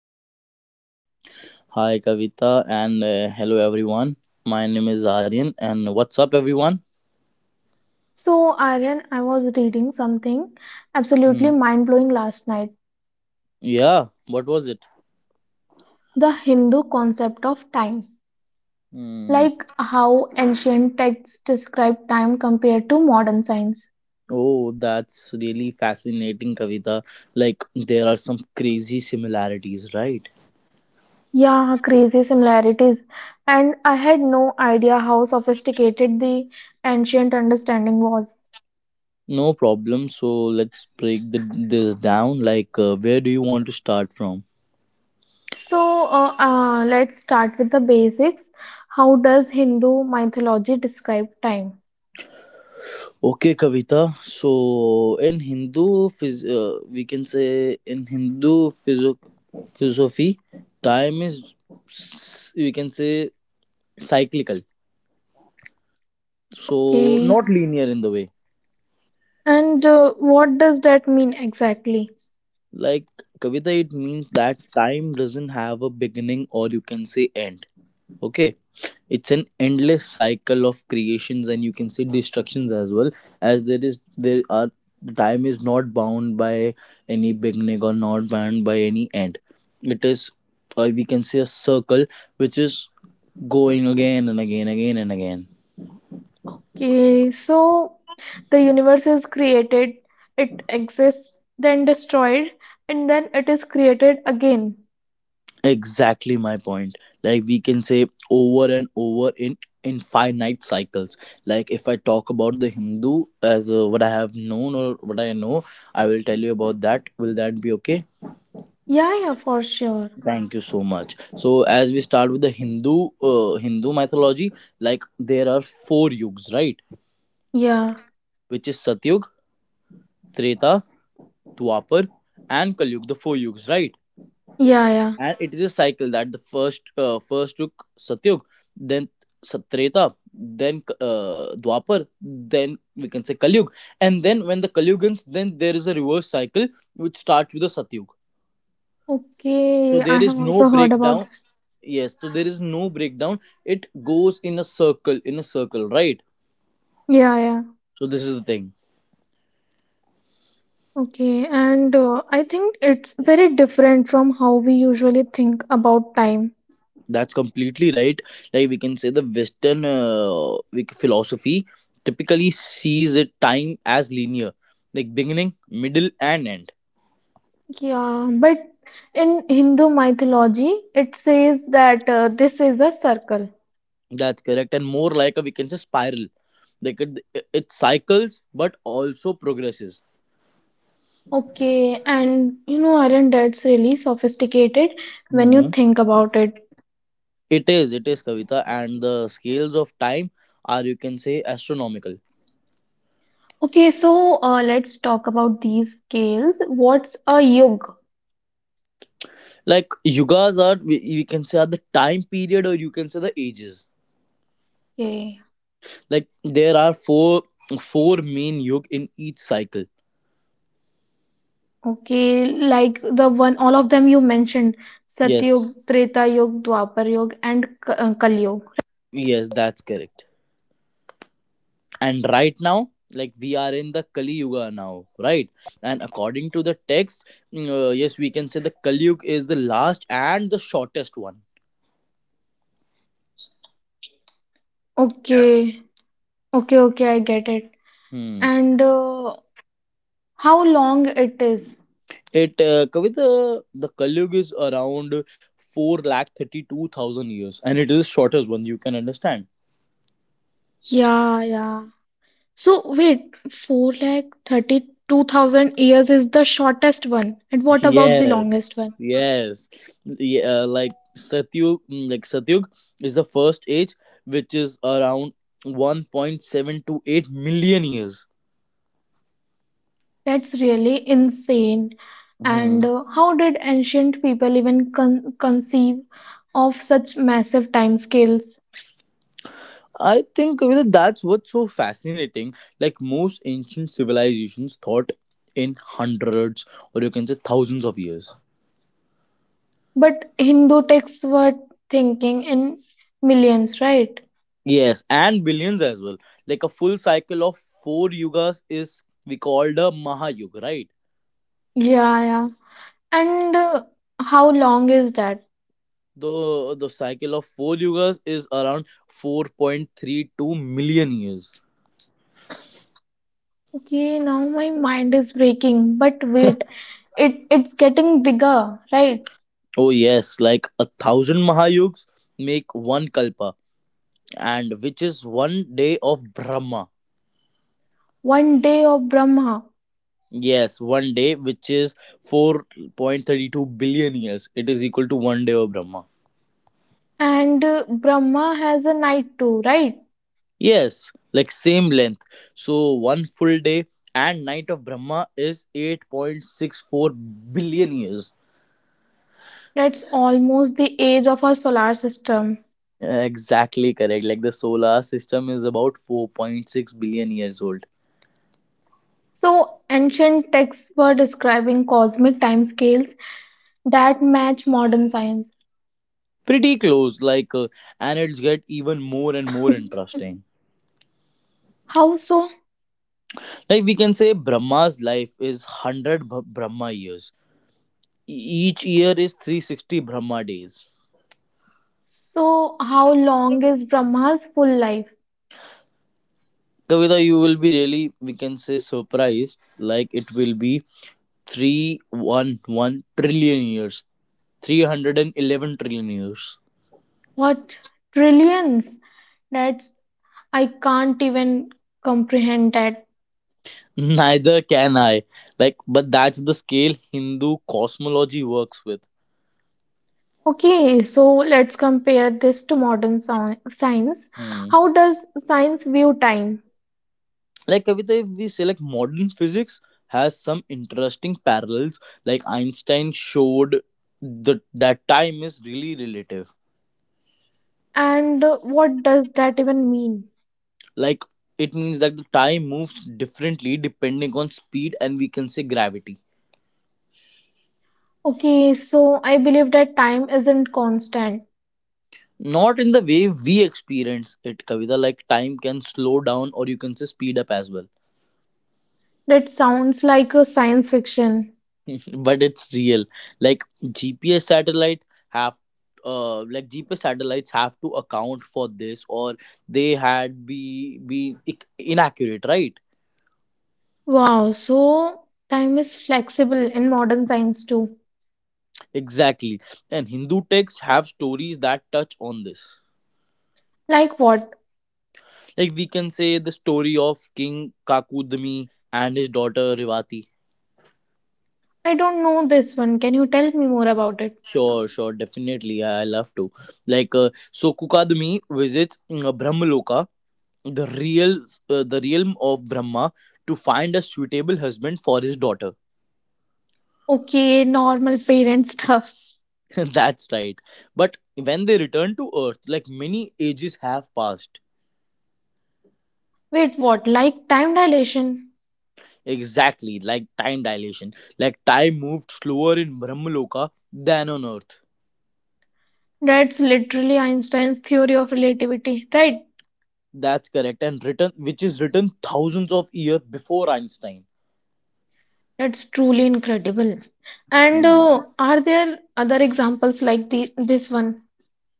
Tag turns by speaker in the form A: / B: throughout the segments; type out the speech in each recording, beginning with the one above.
A: Host, Kavita.
B: Hi, Kavita, and hello, everyone. My name is Aryan, and what's up, everyone?
A: So, Aryan, I was reading something absolutely
B: Hmm.
A: mind blowing last night
B: Yeah, what was it?
A: the Hindu concept of time,
B: Hmm.
A: like how ancient texts describe time compared to modern science.
B: Oh, that's really fascinating, Kavita. Like, there are some crazy similarities, right?
A: Yeah, crazy similarities. And I had no idea how sophisticated the ancient understanding was.
B: No problem. So, let's break this down. Like, where do you want to start from?
A: So let's start with the basics. How does Hindu mythology describe time?
B: Okay, Kavita. So, in Hindu, we can say in Hindu philosophy, time is, we can say, cyclical, so
A: Okay,
B: not linear in the way.
A: and what does that mean exactly?
B: Like, Kavita, it means that time doesn't have a beginning or you can say end. Okay. It's an endless cycle of creations and you can say destructions as well. As there are time is not bound by any beginning or not bound by any end. It is, we can say, a circle which is going again and again, again and again.
A: Okay, so the universe is created, it exists, then destroyed, and then it is created again.
B: Exactly my point. Like we can say over and over in infinite cycles. Like if I talk about the Hindu as what I have known or what I know, I will tell you about that. Will that be okay?
A: Yeah, yeah, for sure.
B: Thank you so much. So as we start with the Hindu mythology, like there are four yugs, right?
A: Yeah,
B: Which is Satyug, Treta, Dwapar, and Kalyug, the four yugs, right?
A: yeah, yeah.
B: And it is a cycle that the first took Satyug, then Satreta, then Dwapar, then we can say Kalyug. And then when the Kalyug ends, then there is a reverse cycle which starts with the Satyug. So
A: Okay, I
B: there is
A: have
B: no
A: also heard about
B: breakdown.
A: this.
B: Yes, so there is no breakdown. It goes in a circle, in a circle, right?
A: Yeah, yeah.
B: So this is the thing.
A: Okay, and I think it's very different from how we usually think about time.
B: That's completely right. Like we can say the Western philosophy typically sees it time as linear, like beginning, middle, and end.
A: Yeah, but in Hindu mythology, it says that this is a circle.
B: That's correct, and more like, a we can say, spiral. Like it cycles, but also progresses.
A: Okay, and you know, Arun, that's really sophisticated when you
B: Mhm.
A: think about it.
B: It is, Kavita, and the scales of time are, you can say, astronomical.
A: Okay, so let's talk about these scales. What's a yug?
B: Like yugas are, we can say, are the time period, or you can say the ages.
A: Okay,
B: Like there are four main yug in each cycle.
A: okay, like the one, all of them you mentioned, Satyug,
B: Yes,
A: Treta Yug, Dwapar Yug, and Kali Yug.
B: yes, that's correct. And right now, like we are in the Kali Yuga now, right? And according to the text, yes, we can say the Kali Yuga is the last and the shortest one.
A: Okay, okay, okay, I get it.
B: Hmm.
A: And how long it is?
B: It, Kavita, the Kali Yuga is around 432,000 years, and it is shortest one. You can understand.
A: Yeah, yeah. So wait, 4 lakh 32,000 years is the shortest one. And what about the
B: Yes,
A: longest one?
B: yes. Yeah, like Satyug is the first age, which is around 1.7 to 8 million years.
A: That's really insane.
B: Hmm.
A: And how did ancient people even conceive of such massive time scales?
B: I think, Kavita, that's what's so fascinating. Like most ancient civilizations thought in hundreds or you can say thousands of years.
A: But Hindu texts were thinking in millions, right?
B: Yes, and billions as well. Like a full cycle of four yugas is we called a Mahayuga, right?
A: Yeah, yeah. And how long is that?
B: The cycle of four yugas is around 4.32 million years.
A: Okay, now my mind is breaking. But wait, it's getting bigger, right?
B: Oh yes, like 1,000 mahayugs make one kalpa, and which is one day of Brahma.
A: One day of Brahma,
B: Yes, one day, which is 4.32 billion years, it is equal to one day of Brahma.
A: and Brahma has a night too, right?
B: Yes, like same length. So one full day and night of Brahma is 8.64 billion years.
A: That's almost the age of our solar system.
B: Exactly correct. Like the solar system is about 4.6 billion years old.
A: So ancient texts were describing cosmic timescales that match modern science.
B: Pretty close, like, and it's get even more and more interesting.
A: How so?
B: Like we can say, Brahma's life is 100 Brahma years. E- Each year is 360 Brahma days.
A: So how long is Brahma's full life?
B: Kavita, you will be really, we can say, surprised. Like it will be 311 trillion years, 311 trillion years.
A: What trillions? That's I can't even comprehend that.
B: Neither can I. Like, but that's the scale Hindu cosmology works with.
A: Okay, so let's compare this to modern science.
B: Hmm.
A: How does science view time?
B: Like, Kavita, if we say like modern physics has some interesting parallels, like Einstein showed that time is really relative.
A: And what does that even mean?
B: Like, it means that the time moves differently depending on speed and, we can say, gravity.
A: Okay, so I believe that time isn't constant.
B: Not in the way we experience it, Kavita. Like, time can slow down or you can say speed up as well.
A: That sounds like a science fiction.
B: But it's real. Like have gps satellites have to account for this, or they had inaccurate, right?
A: Wow, so time is flexible in modern science too.
B: Exactly, and Hindu texts have stories that touch on this.
A: Like what?
B: Like we can say the story of king Kakudmi and his daughter Rivati.
A: I don't know this one. Can you tell me more about it?
B: Sure, sure, definitely, I love to. Like, so Kukadmi visits, Brahmaloka, the realm of Brahma, to find a suitable husband for his daughter.
A: Okay, normal parent stuff.
B: That's right. But when they return to earth, like many ages have passed.
A: Wait, what? Like time dilation?
B: Exactly, like time dilation. Like time moved slower in Brahmaloka than on earth.
A: That's literally Einstein's theory of relativity, right?
B: That's correct, and written which is written thousands of years before Einstein.
A: That's truly incredible. And
B: Hmm.
A: are there other examples like this one?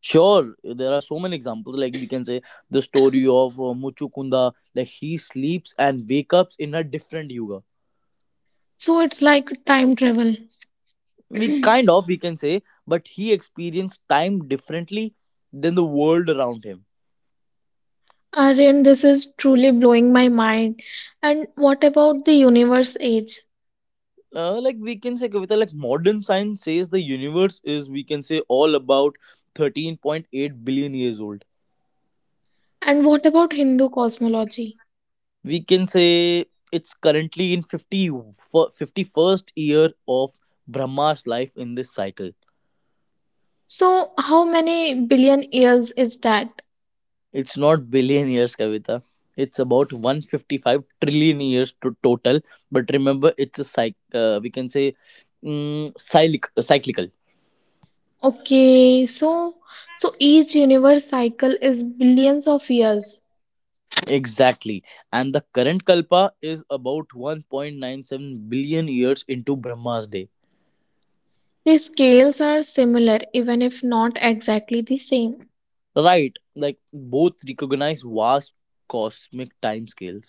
B: Sure, there are so many examples. Like we can say the story of Muchukunda, like he sleeps and wake ups in a different yuga.
A: So it's like time travel.
B: We kind of, we can say, but he experienced time differently than the world around him.
A: Aryan, this is truly blowing my mind. And what about the universe age?
B: Like we can say, Kavita, like modern science says the universe is, we can say, all about 13.8 billion years old.
A: And what about Hindu cosmology?
B: We can say it's currently in 51st year of Brahma's life in this cycle.
A: So how many billion years is that?
B: It's not billion years, Kavita. It's about 155 trillion years to total. But remember, it's a we can say, cyclical.
A: Okay, so each universe cycle is billions of years.
B: Exactly. And the current Kalpa is about 1.97 billion years into Brahma's day.
A: The scales are similar, even if not exactly the same.
B: Right. Like both recognize vast cosmic timescales.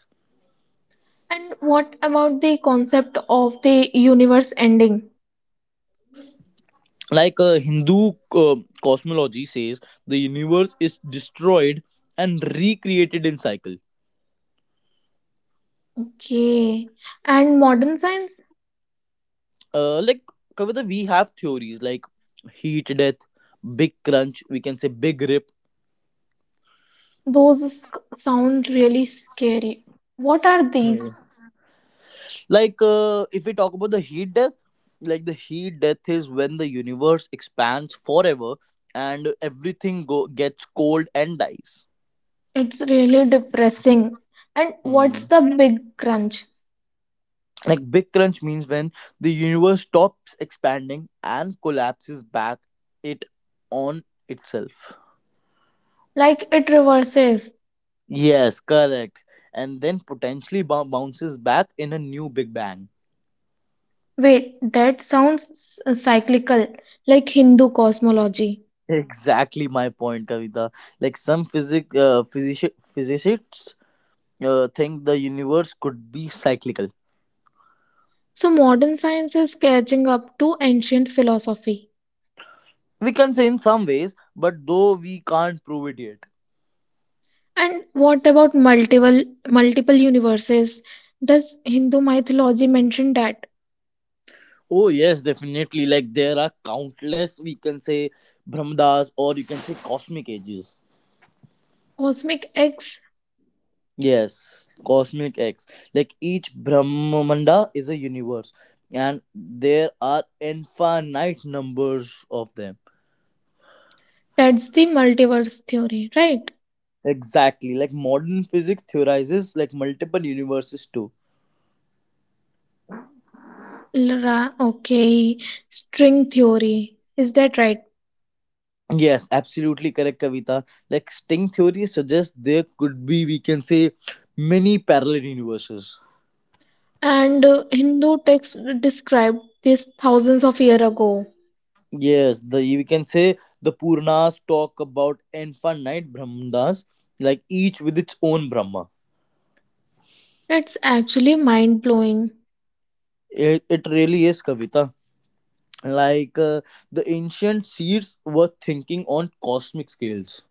A: And what about the concept of the universe ending?
B: Like Hindu cosmology says the universe is destroyed and recreated in cycle.
A: Okay. And modern science?
B: uh like Kavita, we have theories like heat death, big crunch, we can say big rip.
A: Those sound really scary. What are
B: Hmm.
A: these?
B: Like, if we talk about the heat death, like the heat death is when the universe expands forever and everything gets cold and dies.
A: It's really depressing. And what's
B: Hmm.
A: the big crunch?
B: Like big crunch means when the universe stops expanding and collapses back it on itself.
A: Like it reverses.
B: Yes, correct. And then potentially bounces back in a new big bang.
A: Wait, that sounds cyclical, like Hindu cosmology.
B: Exactly my point, Kavita. Like some physicists, think the universe could be cyclical.
A: So modern science is catching up to ancient philosophy.
B: We can say in some ways, but though we can't prove it yet.
A: And what about multiple universes? Does Hindu mythology mention that
B: Oh yes, definitely. Like there are countless, we can say, Brahmadas, or you can say cosmic ages.
A: cosmic eggs?
B: Yes, cosmic x. Like each Brahmamanda is a universe, and there are infinite numbers of them.
A: That's the multiverse theory, right?
B: Exactly. Like modern physics theorizes like multiple universes too.
A: Okay, string theory. Is that right?
B: Yes, absolutely correct, Kavita. Like string theory suggests there could be, we can say, many parallel universes.
A: And Hindu texts described this thousands of years ago.
B: Yes, the we can say the Purnas talk about infinite Brahmandas, like each with its own Brahma.
A: That's actually mind blowing.
B: It really is, Kavita. Like the ancient seers were thinking on cosmic scales.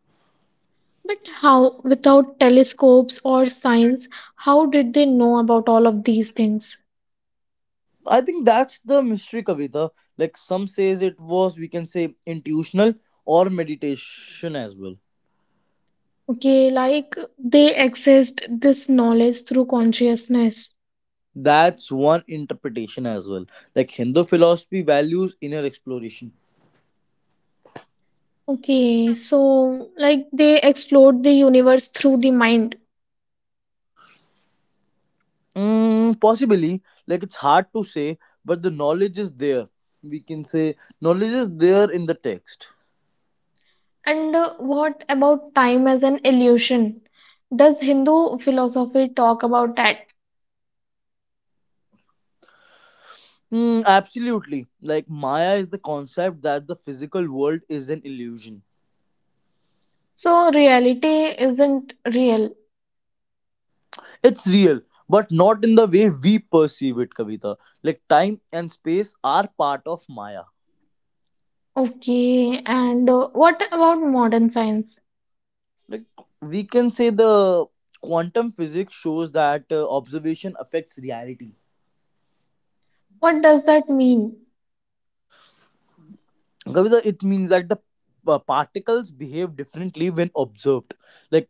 A: But how, without telescopes or science, how did they know about all of these things?
B: I think that's the mystery, Kavita. Like some says it was, we can say, intuitional or meditation as well.
A: Okay, like they accessed this knowledge through consciousness.
B: That's one interpretation as well. Like Hindu philosophy values inner exploration.
A: Okay, so like they explored the universe through the mind.
B: Possibly, like it's hard to say, but the knowledge is there. We can say knowledge is there in the text.
A: And what about time as an illusion? Does Hindu philosophy talk about that?
B: Absolutely. Like Maya is the concept that the physical world is an illusion.
A: So reality isn't real.
B: It's real, but not in the way we perceive it, Kavita. Like time and space are part of Maya.
A: Okay, and what about modern science?
B: Like we can say the quantum physics shows that, observation affects reality.
A: What does that mean?
B: Kavita, it means that the particles behave differently when observed. Like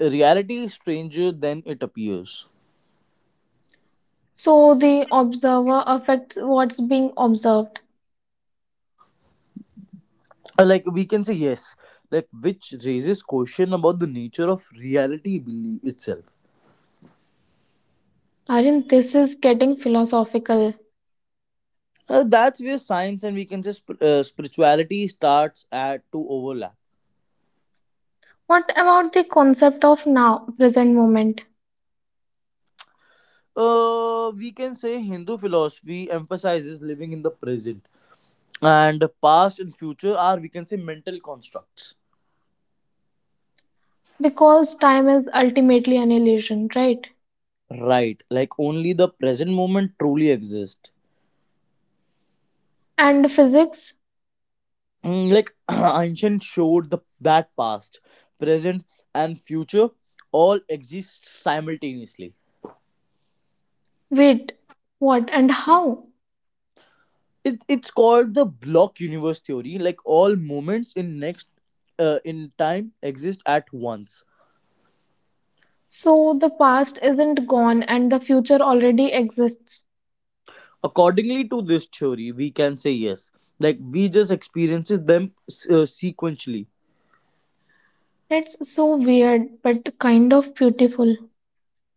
B: reality is stranger than it appears.
A: So the observer affects what's being observed.
B: Like we can say yes, like which raises question about the nature of reality belief itself.
A: Aryan, this is getting philosophical.
B: That's where science and we can say spirituality starts at to overlap.
A: What about the concept of now, present moment?
B: We can say Hindu philosophy emphasizes living in the present, and past and future are, we can say, mental constructs.
A: Because time is ultimately an illusion, right?
B: Right, like only the present moment truly exists.
A: And physics?
B: Like ancient showed the that past, present, and future all exist simultaneously.
A: Wait, what and how?
B: It's called the block universe theory. Like all moments in next in time exist at once.
A: So the past isn't gone and the future already exists.
B: Accordingly to this theory, we can say yes. Like we just experiences them, sequentially.
A: That's so weird, but kind of beautiful.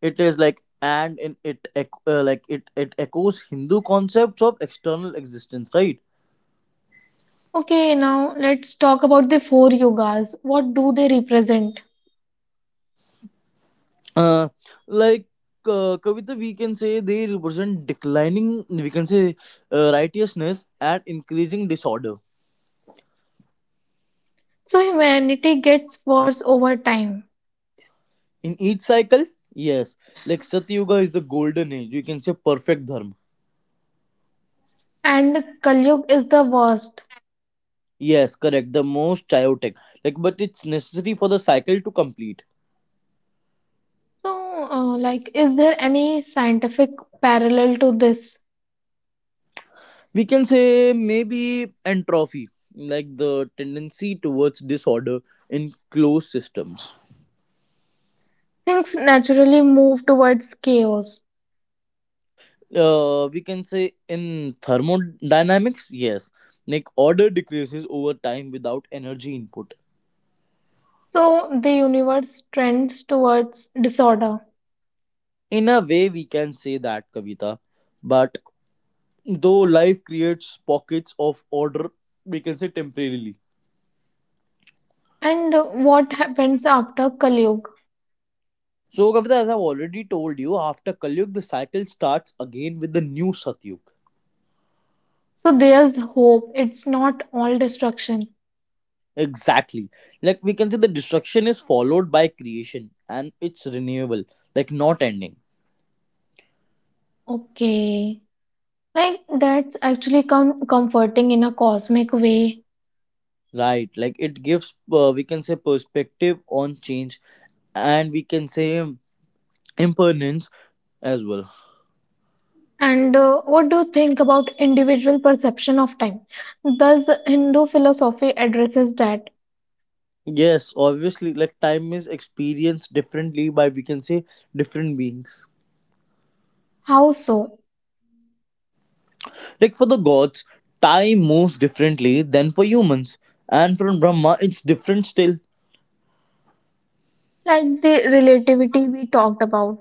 B: It is, like, and in it ec- like it echoes Hindu concepts of external existence, right?
A: Okay, now let's talk about the 4 yogas. What do they represent?
B: Uh like uh, Kavita, we can say they represent declining, we can say, righteousness and increasing disorder.
A: So humanity gets worse over time,
B: In each cycle? Yes. Like Satyuga is the golden age. You can say perfect dharma.
A: and Kali Yuga is the worst.
B: Yes, correct. The most chaotic. Like, but it's necessary for the cycle to complete.
A: So, like, is there any scientific parallel to this?
B: We can say maybe entropy, like the tendency towards disorder in closed systems.
A: Things naturally move towards chaos.
B: We can say in thermodynamics, yes, like order decreases over time without energy input.
A: So, the universe trends towards disorder.
B: In a way, we can say that, Kavita. But though life creates pockets of order, we can say, temporarily.
A: And what happens after Kali Yuga?
B: So, Kavita, as I've already told you, after Kalyug, the cycle starts again with the new Satyug.
A: So, there's hope. It's not all destruction.
B: Exactly. Like we can say, the destruction is followed by creation and it's renewable, like not ending.
A: Okay. Like, that's actually comforting in a cosmic way.
B: Right. Like it gives, we can say, perspective on change and we can say impermanence as well.
A: And what do you think about individual perception of time? Does Hindu philosophy addresses that?
B: Yes, obviously, like time is experienced differently by, we can say, different beings.
A: How so?
B: Like for the gods, time moves differently than for humans, and from Brahma, it's different still.
A: Like the relativity we talked about.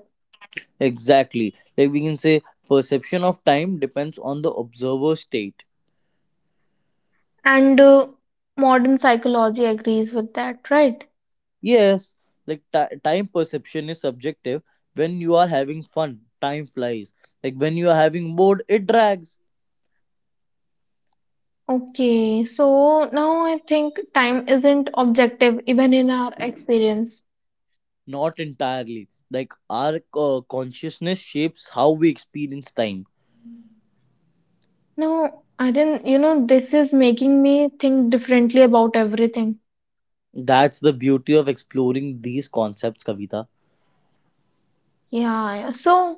B: Exactly. Like we can say, perception of time depends on the observer state.
A: And modern psychology agrees with that, right?
B: Yes, like ti time perception is subjective. When you are having fun, time flies. Like when you are having bored, it drags.
A: Okay, so now I think time isn't objective even in our experience.
B: Not entirely. Like our consciousness shapes how we experience time.
A: No, I didn't, you know this is making me think differently about everything.
B: That's the beauty of exploring these concepts, Kavita.
A: Yeah, yeah. So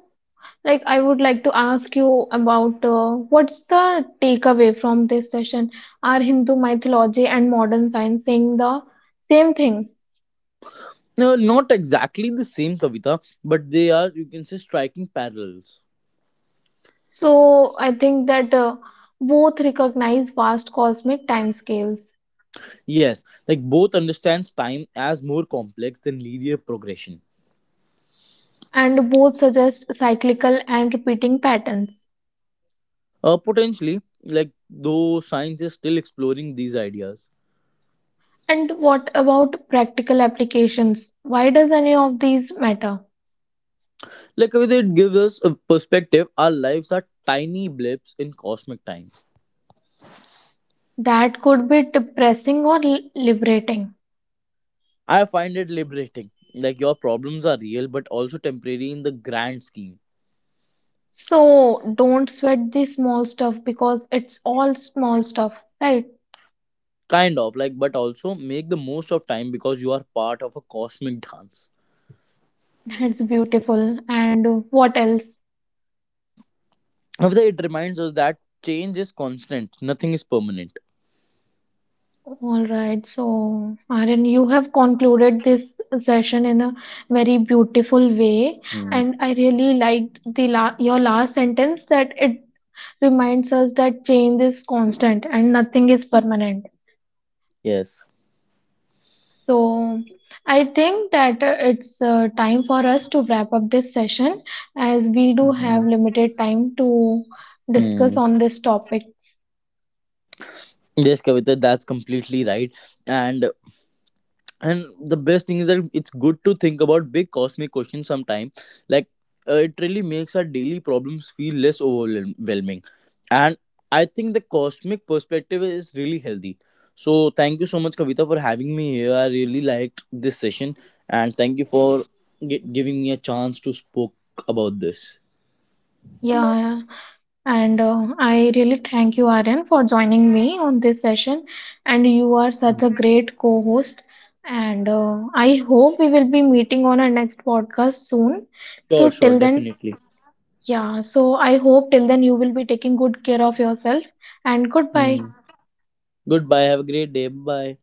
A: like I would like to ask you about what's the takeaway from this session. Are Hindu mythology and modern science saying the same thing?
B: No, not exactly the same Kavita, but they are, you can say, striking parallels.
A: So I think that both recognize vast cosmic timescales
B: Yes, like both understands time as more complex than linear progression.
A: and both suggest cyclical and repeating patterns.
B: Potentially, like though science is still exploring these ideas.
A: And what about practical applications? Why does any of these matter?
B: Like, Kavita, it gives us a perspective. Our lives are tiny blips in cosmic time.
A: That could be depressing or liberating.
B: I find it liberating. Like your problems are real, but also temporary in the grand scheme.
A: So don't sweat the small stuff because it's all small stuff, right?
B: Kind of, like, but also make the most of time because you are part of a cosmic dance.
A: That's beautiful. And what else?
B: However, it reminds us that change is constant, nothing is permanent.
A: All right, so Aryan, you have concluded this session in a very beautiful way,
B: Hmm.
A: and I really liked the your last sentence that it reminds us that change is constant and nothing is permanent.
B: Yes.
A: So I think that it's time for us to wrap up this session as we do
B: Mhm.
A: have limited time to discuss
B: Hmm.
A: on this topic.
B: Yes, Kavita, that's completely right. And and the best thing is that it's good to think about big cosmic questions sometime. Like it really makes our daily problems feel less overwhelming. And I think the cosmic perspective is really healthy. So thank you so much, Kavita, for having me here. I really liked this session, and thank you for giving me a chance to spoke about this.
A: Yeah, and I really thank you, Aryan, for joining me on this session. And you are such a great co host. And I hope we will be meeting on our next podcast soon.
B: Sure,
A: So,
B: sure,
A: till then,
B: definitely.
A: yeah, so I hope till then you will be taking good care of yourself. And
B: Hmm.
A: goodbye.
B: Goodbye. Have a great day. Bye.